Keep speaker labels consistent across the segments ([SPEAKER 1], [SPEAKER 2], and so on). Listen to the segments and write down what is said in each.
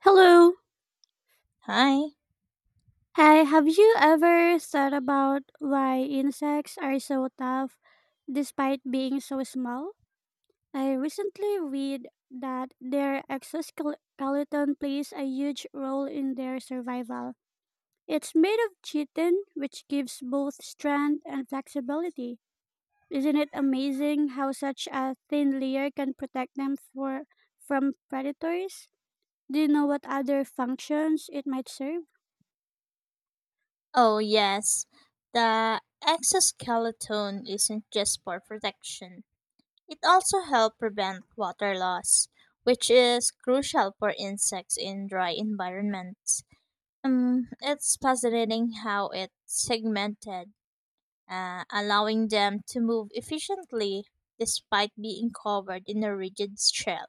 [SPEAKER 1] Hello.
[SPEAKER 2] Hi.
[SPEAKER 1] Hi, have you ever thought about why insects are so tough despite being so small? I recently read that their exoskeleton plays a huge role in their survival. It's made of chitin, which gives both strength and flexibility. Isn't it amazing how such a thin layer can protect them from predators? Do you know what other functions it might serve?
[SPEAKER 2] Oh, yes. The exoskeleton isn't just for protection. It also helps prevent water loss, which is crucial for insects in dry environments. It's fascinating how it's segmented, allowing them to move efficiently despite being covered in a rigid shell.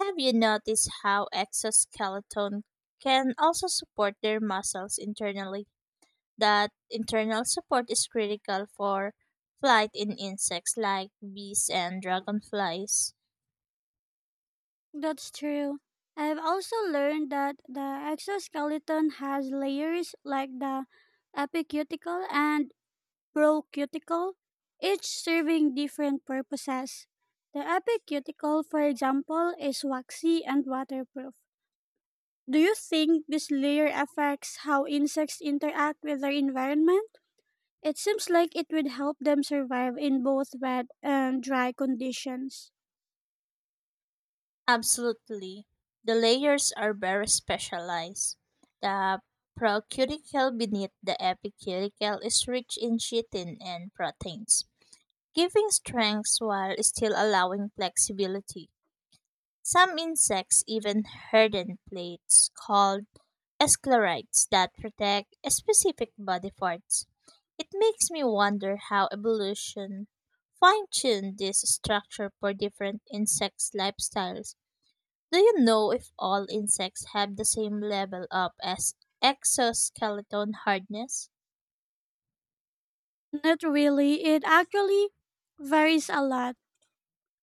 [SPEAKER 2] Have you noticed how exoskeleton can also support their muscles internally? That internal support is critical for flight in insects like bees and dragonflies.
[SPEAKER 1] That's true. I've also learned that the exoskeleton has layers like the epicuticle and procuticle, each serving different purposes. The epicuticle, for example, is waxy and waterproof. Do you think this layer affects how insects interact with their environment? It seems like it would help them survive in both wet and dry conditions.
[SPEAKER 2] Absolutely. The layers are very specialized. The procuticle beneath the epicuticle is rich in chitin and proteins, giving strength while still allowing flexibility. Some insects even harden plates called sclerites that protect specific body parts. It makes me wonder how evolution fine-tuned this structure for different insects' lifestyles. Do you know if all insects have the same level of as exoskeleton hardness?
[SPEAKER 1] Not really. It actually varies a lot.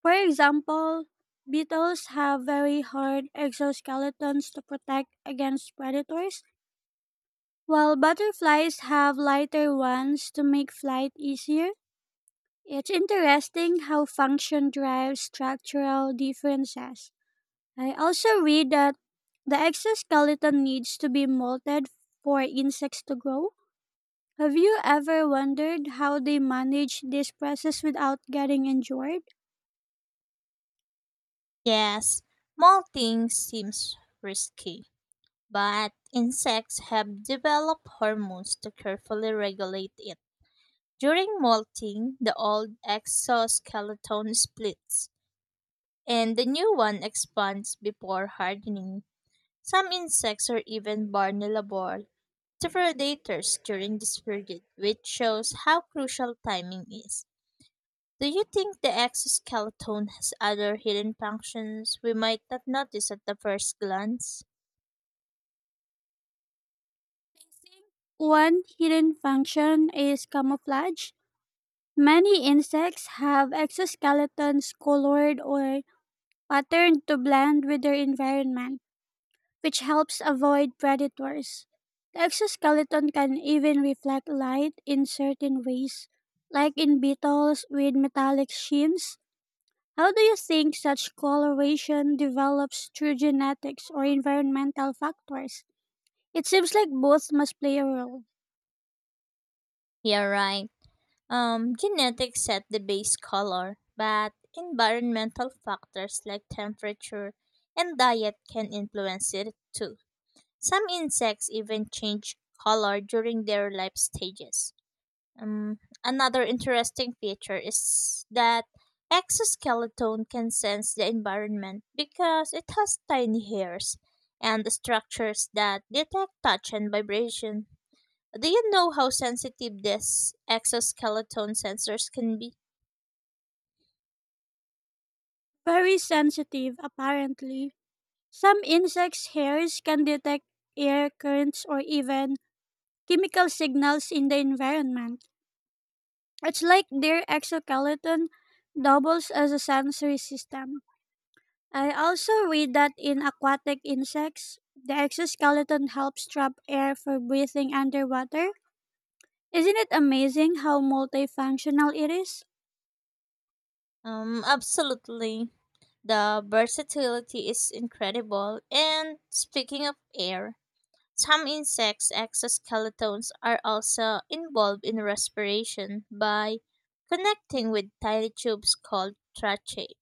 [SPEAKER 1] For example, beetles have very hard exoskeletons to protect against predators, while butterflies have lighter ones to make flight easier. It's interesting how function drives structural differences. I also read that the exoskeleton needs to be molted for insects to grow. Have you ever wondered how they manage this process without getting injured?
[SPEAKER 2] Yes, molting seems risky, but insects have developed hormones to carefully regulate it. During molting, the old exoskeleton splits and the new one expands before hardening. Some insects are even vulnerable to predators during this period, which shows how crucial timing is. Do you think the exoskeleton has other hidden functions we might not notice at the first glance?
[SPEAKER 1] One hidden function is camouflage. Many insects have exoskeletons colored or patterned to blend with their environment, which helps avoid predators. The exoskeleton can even reflect light in certain ways, like in beetles with metallic skins. How do you think such coloration develops through genetics or environmental factors? It seems like both must play a role.
[SPEAKER 2] Yeah, right. Genetics set the base color, but environmental factors like temperature and diet can influence it too. Some insects even change color during their life stages. Another interesting feature is that exoskeleton can sense the environment because it has tiny hairs and structures that detect touch and vibration. Do you know how sensitive these exoskeleton sensors can be?
[SPEAKER 1] Very sensitive, apparently. Some insects' hairs can detect air currents or even chemical signals in the environment. It's like their exoskeleton doubles as a sensory system. I also read that in aquatic insects, the exoskeleton helps trap air for breathing underwater. Isn't it amazing how multifunctional it is?
[SPEAKER 2] Absolutely. The versatility is incredible. And speaking of air, some insects' exoskeletons are also involved in respiration by connecting with tiny tubes called tracheae.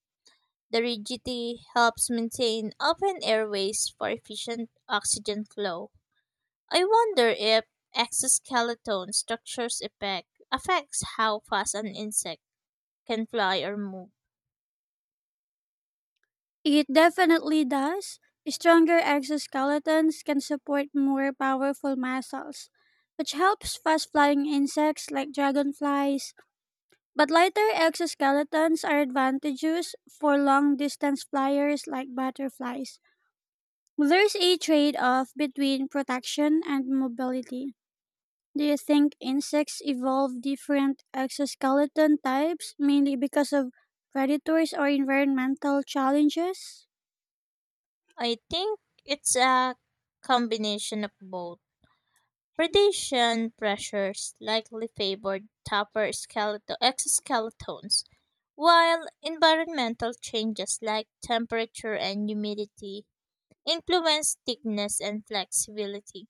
[SPEAKER 2] The rigidity helps maintain open airways for efficient oxygen flow. I wonder if exoskeleton structures effect affects how fast an insect can fly or move.
[SPEAKER 1] It definitely does. Stronger exoskeletons can support more powerful muscles, which helps fast flying insects like dragonflies. But lighter exoskeletons are advantageous for long distance flyers like butterflies. There's a trade off between protection and mobility. Do you think insects evolve different exoskeleton types mainly because of predators or environmental challenges?
[SPEAKER 2] I think it's a combination of both. Predation pressures likely favored tougher skeletal exoskeletons, while environmental changes like temperature and humidity influence thickness and flexibility.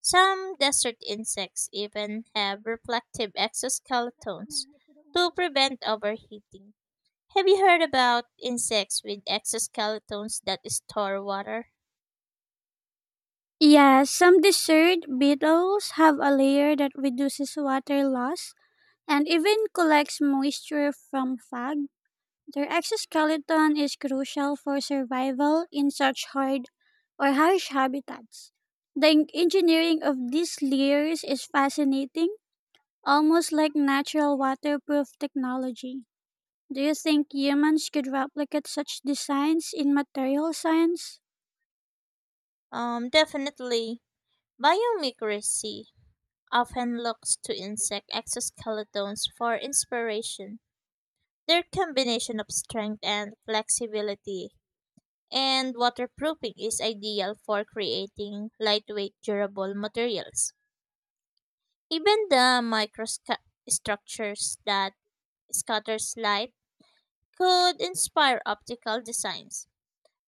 [SPEAKER 2] Some desert insects even have reflective exoskeletons to prevent overheating. Have you heard about insects with exoskeletons that store water?
[SPEAKER 1] Yeah, some desert beetles have a layer that reduces water loss and even collects moisture from fog. Their exoskeleton is crucial for survival in such hard or harsh habitats. The engineering of these layers is fascinating, almost like natural waterproof technology. Do you think humans could replicate such designs in material science?
[SPEAKER 2] Definitely. Biomimicry often looks to insect exoskeletons for inspiration. Their combination of strength and flexibility and waterproofing is ideal for creating lightweight, durable materials. Even the microstructures that scatters light could inspire optical designs.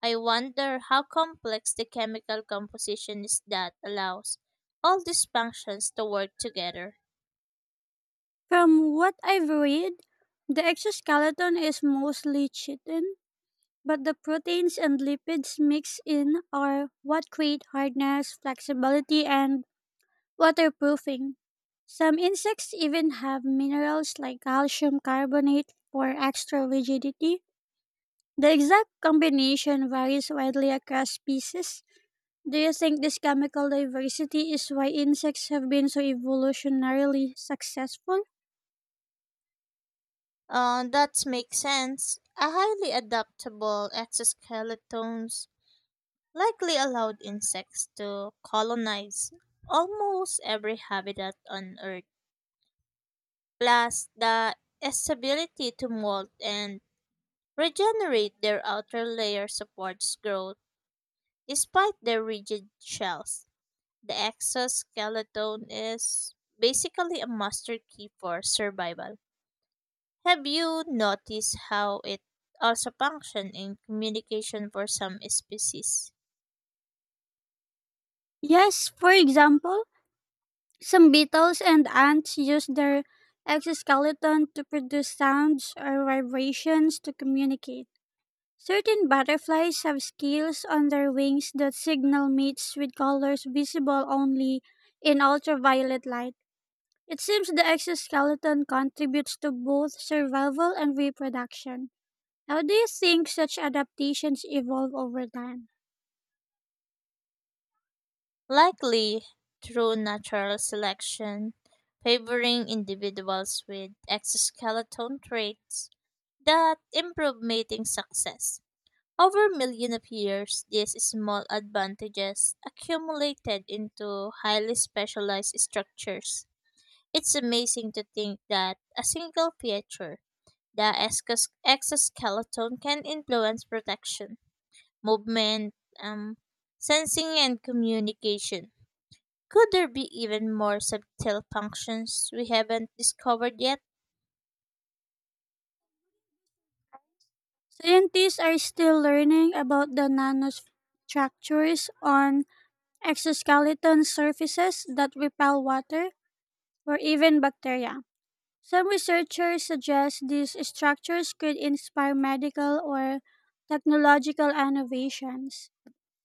[SPEAKER 2] I wonder how complex the chemical composition is that allows all these functions to work together.
[SPEAKER 1] From what I've read, the exoskeleton is mostly chitin, but the proteins and lipids mixed in are what create hardness, flexibility, and waterproofing. Some insects even have minerals like calcium carbonate for extra rigidity. The exact combination varies widely across species. Do you think this chemical diversity is why insects have been so evolutionarily successful?
[SPEAKER 2] That makes sense. A highly adaptable exoskeletons likely allowed insects to colonize almost every habitat on Earth. Plus, the its ability to molt and regenerate their outer layer supports growth despite their rigid shells. The exoskeleton is basically a master key for survival. Have you noticed how it also functions in communication for some species?
[SPEAKER 1] Yes, for example, some beetles and ants use their exoskeleton to produce sounds or vibrations to communicate. Certain butterflies have scales on their wings that signal mates with colors visible only in ultraviolet light. It seems the exoskeleton contributes to both survival and reproduction. How do you think such adaptations evolve over time?
[SPEAKER 2] Likely through natural selection, favoring individuals with exoskeleton traits that improve mating success. Over millions of years, these small advantages accumulated into highly specialized structures. It's amazing to think that a single feature, the exoskeleton, can influence protection, movement, um, sensing, and communication. Could there be even more subtle functions we haven't discovered yet?
[SPEAKER 1] Scientists are still learning about the nanostructures on exoskeleton surfaces that repel water or even bacteria. Some researchers suggest these structures could inspire medical or technological innovations.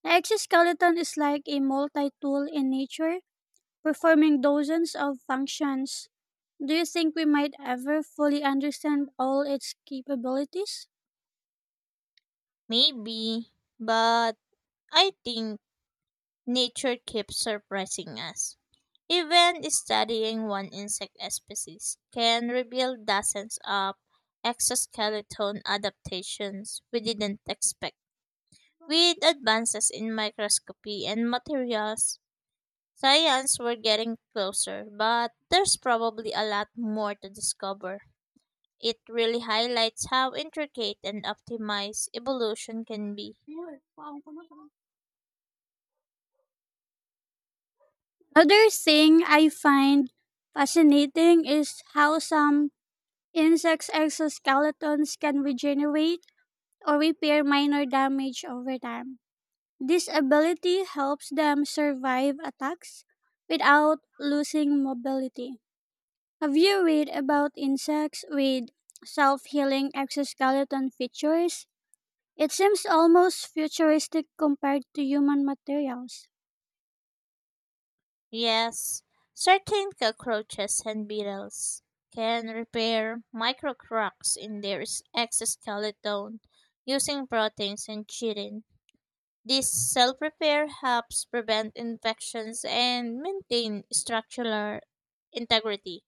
[SPEAKER 1] The exoskeleton is like a multi tool in nature, performing dozens of functions. Do you think we might ever fully understand all its capabilities?
[SPEAKER 2] Maybe, but I think nature keeps surprising us. Even studying one insect species can reveal dozens of exoskeleton adaptations we didn't expect. With advances in microscopy and materials, science we're getting closer, but there's probably a lot more to discover. It really highlights how intricate and optimized evolution can be.
[SPEAKER 1] Another thing I find fascinating is how some insects' exoskeletons can regenerate or repair minor damage over time. This ability helps them survive attacks without losing mobility. Have you read about insects with self healing exoskeleton features? It seems almost futuristic compared to human materials.
[SPEAKER 2] Yes, certain cockroaches and beetles can repair micro cracks in their exoskeleton using proteins and chitin. This self repair helps prevent infections and maintain structural integrity.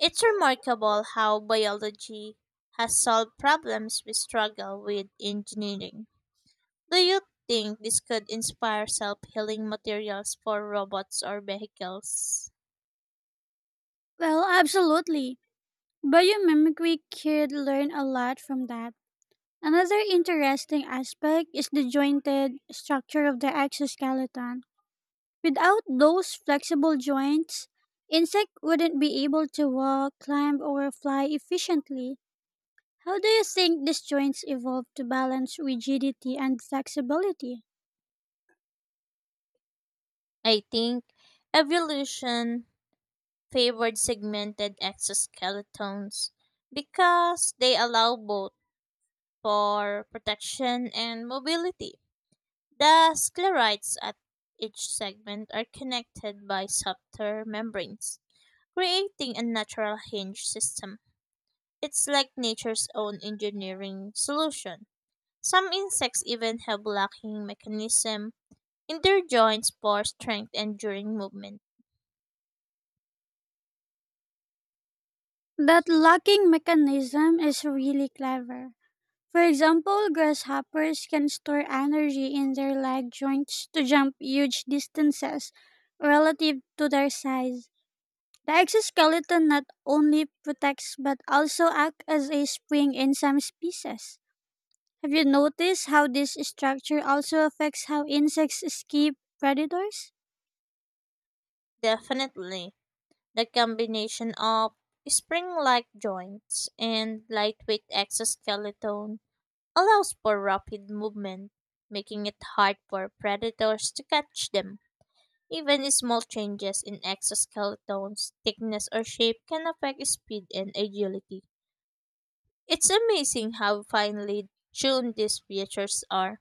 [SPEAKER 2] It's remarkable how biology has solved problems we struggle with engineering. Do you think this could inspire self healing materials for robots or vehicles?
[SPEAKER 1] Well, absolutely. Biomimicry could learn a lot from that. Another interesting aspect is the jointed structure of the exoskeleton. Without those flexible joints, insect wouldn't be able to walk, climb, or fly efficiently. How do you think these joints evolved to balance rigidity and flexibility?
[SPEAKER 2] I think evolution favored segmented exoskeletons because they allow both for protection and mobility. The sclerites at each segment are connected by softer membranes, creating a natural hinge system. It's like nature's own engineering solution. Some insects even have locking mechanism in their joints for strength and during movement.
[SPEAKER 1] That locking mechanism is really clever. For example, grasshoppers can store energy in their leg joints to jump huge distances relative to their size. The exoskeleton not only protects but also acts as a spring in some species. Have you noticed how this structure also affects how insects escape predators?
[SPEAKER 2] Definitely. The combination of spring-like joints and lightweight exoskeleton allows for rapid movement, making it hard for predators to catch them. Even small changes in exoskeleton's thickness or shape can affect speed and agility. It's amazing how finely tuned these features are.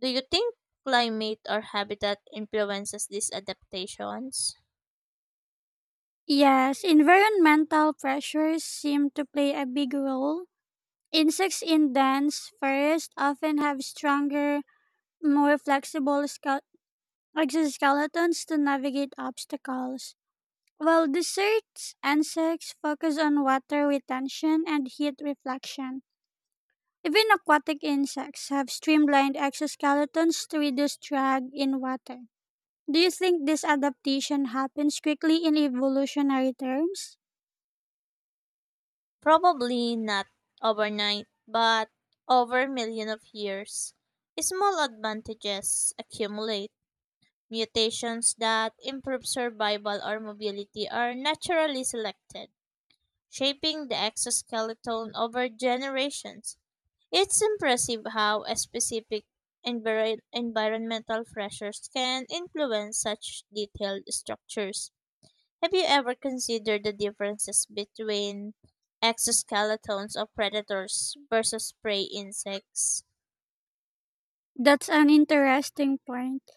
[SPEAKER 2] Do you think climate or habitat influences these adaptations?
[SPEAKER 1] Yes, environmental pressures seem to play a big role. Insects in dense forests often have stronger more flexible exoskeletons to navigate obstacles, while desserts insects focus on water retention and heat reflection. Even aquatic insects have streamlined exoskeletons to reduce drag in water. Do you think this adaptation happens quickly in evolutionary terms?
[SPEAKER 2] Probably not overnight, but over millions of years. Small advantages accumulate. Mutations that improve survival or mobility are naturally selected, shaping the exoskeleton over generations. It's impressive how a specific environmental pressures can influence such detailed structures. Have you ever considered the differences between exoskeletons of predators versus prey insects?
[SPEAKER 1] That's an interesting point.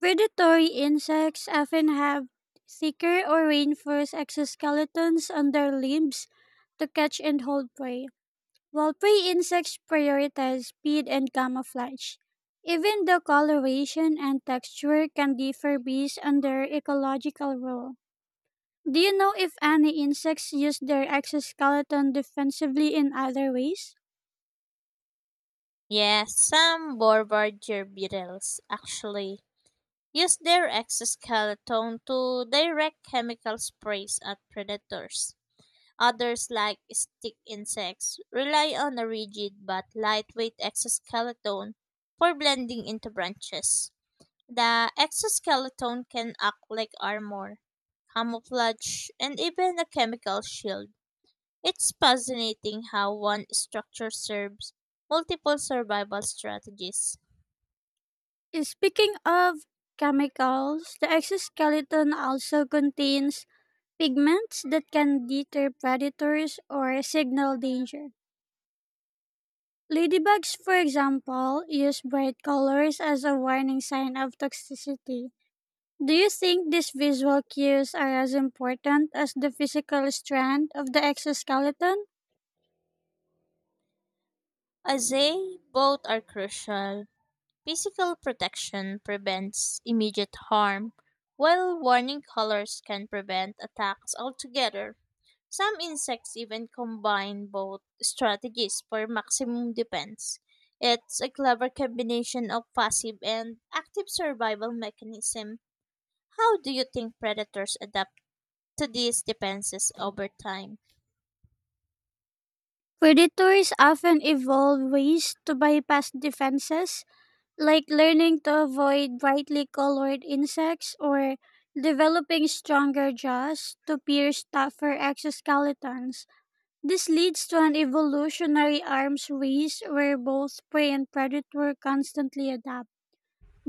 [SPEAKER 1] Predatory insects often have thicker or reinforced exoskeletons on their limbs to catch and hold prey. While prey insects prioritize speed and camouflage, even the coloration and texture can differ based on their ecological role. Do you know if any insects use their exoskeleton defensively in other ways?
[SPEAKER 2] Yes, some bombardier beetles actually use their exoskeleton to direct chemical sprays at predators. Others, like stick insects, rely on a rigid but lightweight exoskeleton for blending into branches. The exoskeleton can act like armor, camouflage, and even a chemical shield. It's fascinating how one structure serves multiple survival strategies.
[SPEAKER 1] Speaking of chemicals, the exoskeleton also contains pigments that can deter predators or signal danger. Ladybugs, for example, use bright colors as a warning sign of toxicity. Do you think these visual cues are as important as the physical strand of the exoskeleton?
[SPEAKER 2] As they both are crucial, physical protection prevents immediate harm, while warning colors can prevent attacks altogether. Some insects even combine both strategies for maximum defense. It's a clever combination of passive and active survival mechanism. How do you think predators adapt to these defenses over time?
[SPEAKER 1] Predators often evolve ways to bypass defenses, like learning to avoid brightly colored insects or developing stronger jaws to pierce tougher exoskeletons. This leads to an evolutionary arms race where both prey and predator constantly adapt.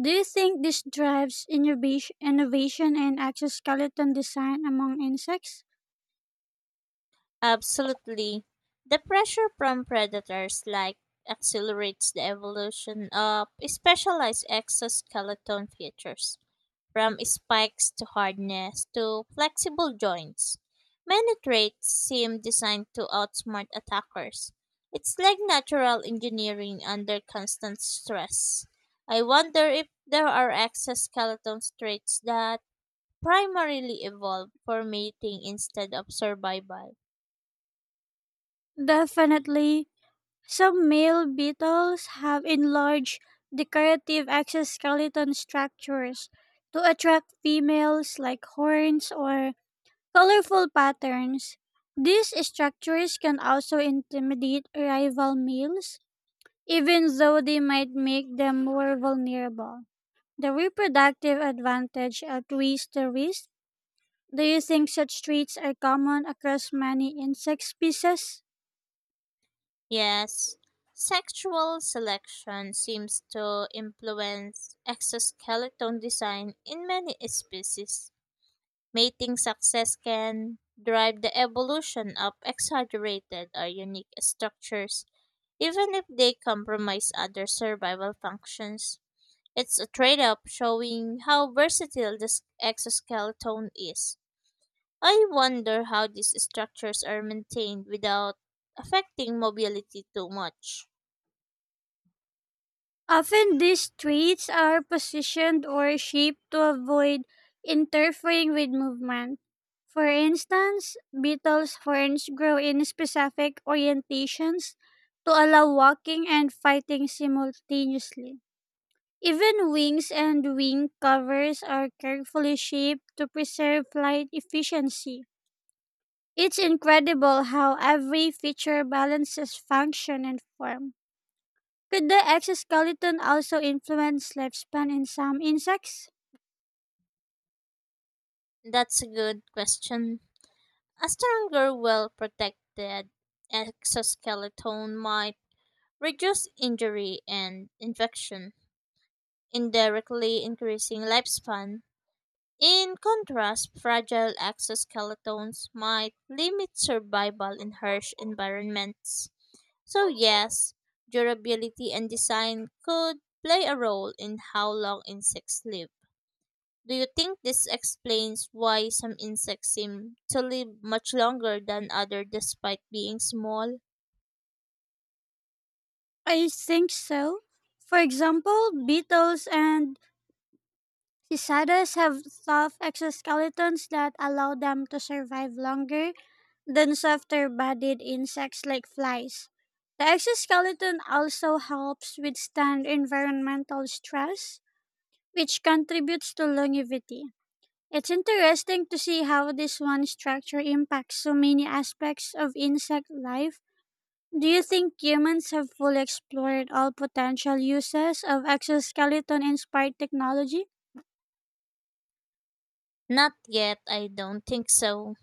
[SPEAKER 1] Do you think this drives innovation in exoskeleton design among insects?
[SPEAKER 2] Absolutely. The pressure from predators like accelerates the evolution of specialized exoskeleton features, from spikes to hardness to flexible joints. Many traits seem designed to outsmart attackers. It's like natural engineering under constant stress. I wonder if there are exoskeleton traits that primarily evolve for mating instead of survival.
[SPEAKER 1] Definitely. Some male beetles have enlarged decorative exoskeleton structures to attract females, like horns or colorful patterns. These structures can also intimidate rival males, even though they might make them more vulnerable. The reproductive advantage outweighs the risk. Do you think such traits are common across many insect species?
[SPEAKER 2] Yes, sexual selection seems to influence exoskeleton design in many species. Mating success can drive the evolution of exaggerated or unique structures, even if they compromise other survival functions. It's a trade off showing how versatile this exoskeleton is. I wonder how these structures are maintained without affecting mobility too much.
[SPEAKER 1] Often these traits are positioned or shaped to avoid interfering with movement. For instance, beetles' horns grow in specific orientations to allow walking and fighting simultaneously. Even wings and wing covers are carefully shaped to preserve flight efficiency. It's incredible how every feature balances function and form. Could the exoskeleton also influence lifespan in some insects?
[SPEAKER 2] That's a good question. A stronger, well protected exoskeleton might reduce injury and infection, indirectly increasing lifespan. In contrast, fragile exoskeletons might limit survival in harsh environments. So, yes, durability and design could play a role in how long insects live. Do you think this explains why some insects seem to live much longer than others despite being small?
[SPEAKER 1] I think so. For example, beetles and cicadas have tough exoskeletons that allow them to survive longer than softer bodied insects like flies. The exoskeleton also helps withstand environmental stress, which contributes to longevity. It's interesting to see how this one structure impacts so many aspects of insect life. Do you think humans have fully explored all potential uses of exoskeleton inspired technology?
[SPEAKER 2] Not yet, I don't think so.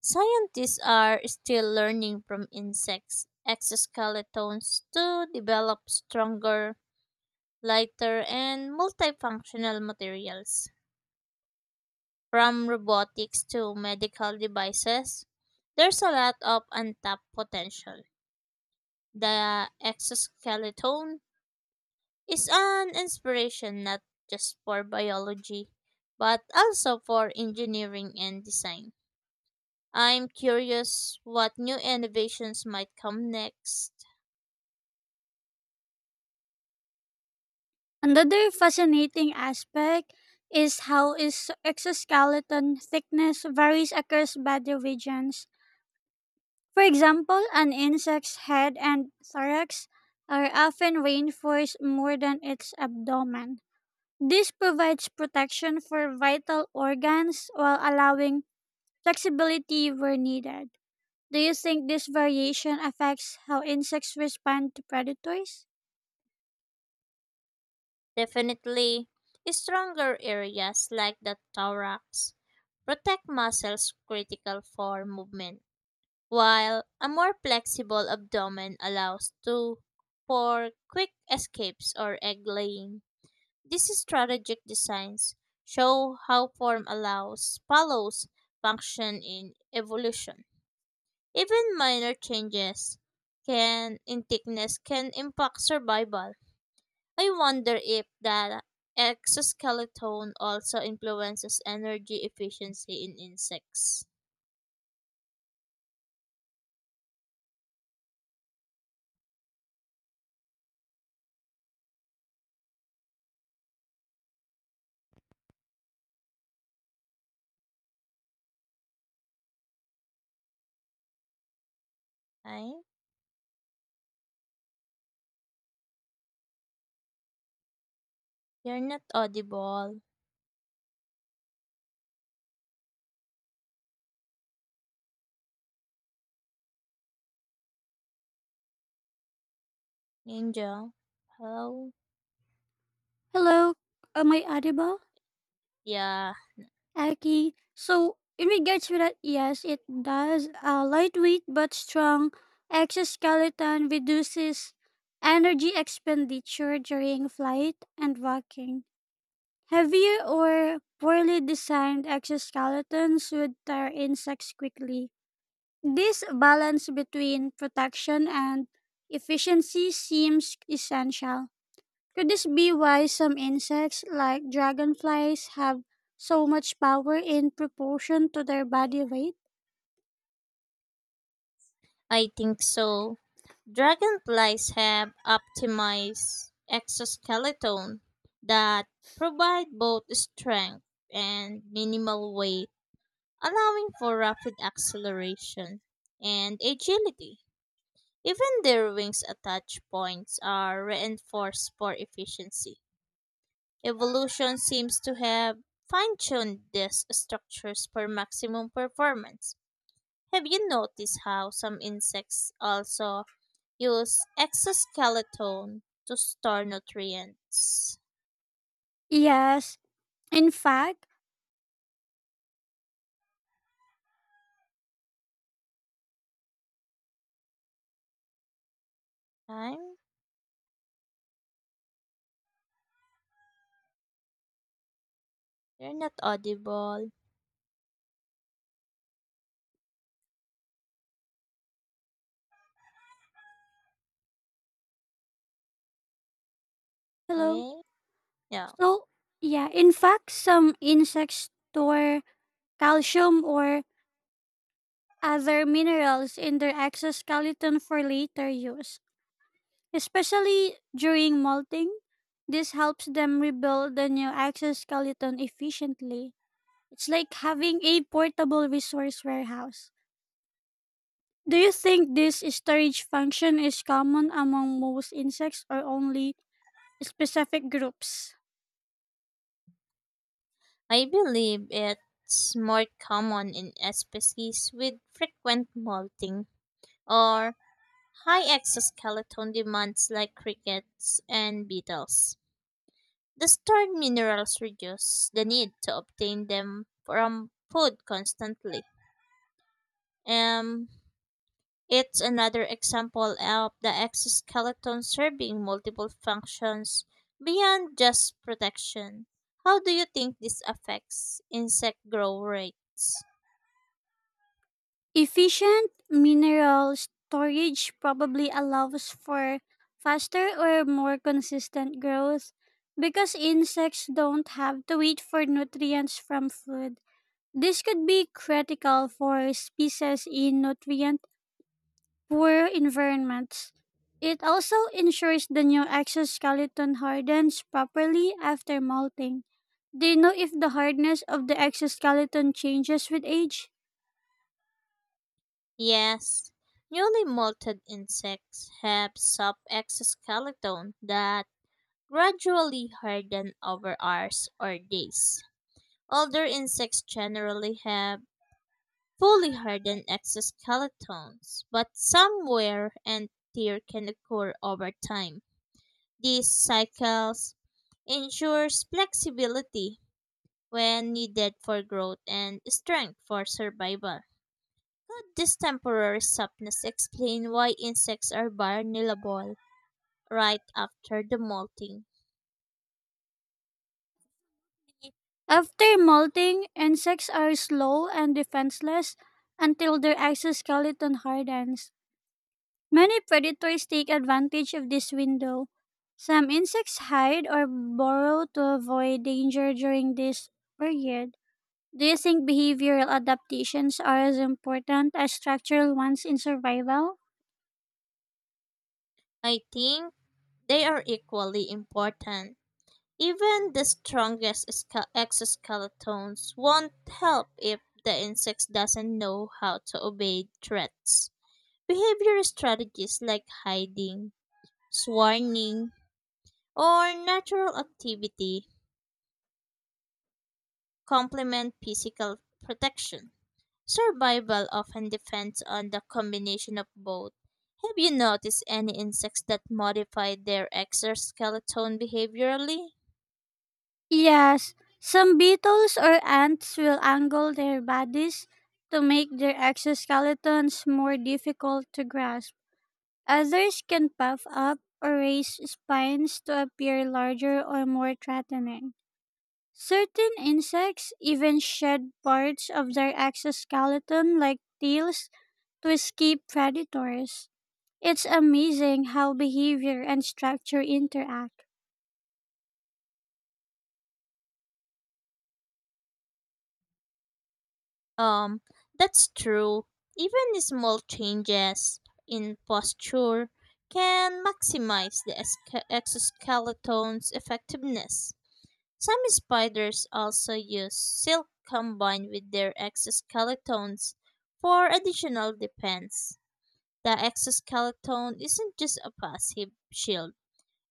[SPEAKER 2] Scientists are still learning from insects' exoskeletons to develop stronger, lighter, and multifunctional materials. From robotics to medical devices, there's a lot of untapped potential. The exoskeleton is an inspiration not just for biology, but also for engineering and design. I'm curious what new innovations might come next.
[SPEAKER 1] Another fascinating aspect is how is exoskeleton thickness varies across body regions. For example, an insect's head and thorax are often reinforced more than its abdomen. This provides protection for vital organs while allowing flexibility where needed. Do you think this variation affects how insects respond to predators?
[SPEAKER 2] Definitely, stronger areas like the thorax protect muscles critical for movement, while a more flexible abdomen allows to for quick escapes or egg laying. These strategic designs show how form allows follows function in evolution. Even minor changes can in thickness can impact survival. I wonder if the exoskeleton also influences energy efficiency in insects. Ay, you're not audible, Angel. Hello?
[SPEAKER 1] Hello, am I audible?
[SPEAKER 2] Yeah,
[SPEAKER 1] Aki. So, in regards to that, yes, it does. A lightweight but strong exoskeleton reduces energy expenditure during flight and walking. Heavy or poorly designed exoskeletons would tear insects quickly. This balance between protection and efficiency seems essential. Could this be why some insects, like dragonflies, have so much power in proportion to their body weight?
[SPEAKER 2] I think so. Dragonflies have optimized exoskeleton that provide both strength and minimal weight, allowing for rapid acceleration and agility. Even their wings attach points are reinforced for efficiency. Evolution seems to have fine-tuned these structures for maximum performance. Have you noticed how some insects also use exoskeleton to store nutrients?
[SPEAKER 1] Yes. In fact,
[SPEAKER 2] I'm you're not audible.
[SPEAKER 1] hello.
[SPEAKER 2] Eh? No.
[SPEAKER 1] So, yeah, in fact, some insects store calcium or other minerals in their exoskeleton for later use. Especially during molting, this helps them rebuild the new exoskeleton efficiently. It's like having a portable resource warehouse. Do you think this storage function is common among most insects or only specific groups?
[SPEAKER 2] I believe it's more common in species with frequent molting or high exoskeleton demands like crickets and beetles. The stored minerals reduce the need to obtain them from food constantly. Um It's another example of the exoskeleton serving multiple functions beyond just protection. How do you think this affects insect growth rates?
[SPEAKER 1] Efficient mineral storage probably allows for faster or more consistent growth because insects don't have to wait for nutrients from food. This could be critical for species in nutrient poor environments. It also ensures the new exoskeleton hardens properly after molting. Do you know if the hardness of the exoskeleton changes with age?
[SPEAKER 2] Yes, newly molted insects have soft exoskeleton that gradually harden over hours or days. Older insects generally have fully hardened exoskeletons, but some wear and tear can occur over time. These cycles ensures flexibility when needed for growth and strength for survival. Could this temporary softness explain why insects are vulnerable right after the molting?
[SPEAKER 1] After molting, insects are slow and defenseless until their exoskeleton hardens. Many predators take advantage of this window. Some insects hide or burrow to avoid danger during this period. Do you think behavioral adaptations are as important as structural ones in survival?
[SPEAKER 2] I think they are equally important. Even the strongest exoskeletons won't help if the insects doesn't know how to obey threats. Behavior strategies like hiding, swarming, or natural activity complement physical protection. Survival often depends on the combination of both. Have you noticed any insects that modify their exoskeleton behaviorally?
[SPEAKER 1] Yes, some beetles or ants will angle their bodies to make their exoskeletons more difficult to grasp. Others can puff up or raise spines to appear larger or more threatening. Certain insects even shed parts of their exoskeleton, like tails, to escape predators. It's amazing how behavior and structure interact.
[SPEAKER 2] Um, that's true. Even small changes in posture can maximize the exoskeleton's effectiveness. Some spiders also use silk combined with their exoskeletons for additional defense. The exoskeleton isn't just a passive shield,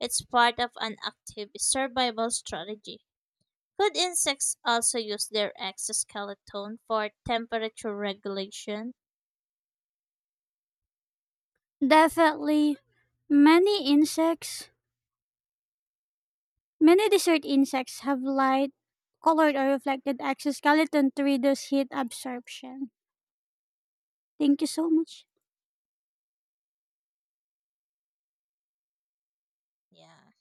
[SPEAKER 2] it's part of an active survival strategy. Could insects also use their exoskeleton for temperature regulation?
[SPEAKER 1] Definitely, many insects, many desert insects have light colored or reflected exoskeleton to reduce heat absorption. Thank you so much.
[SPEAKER 2] Yeah.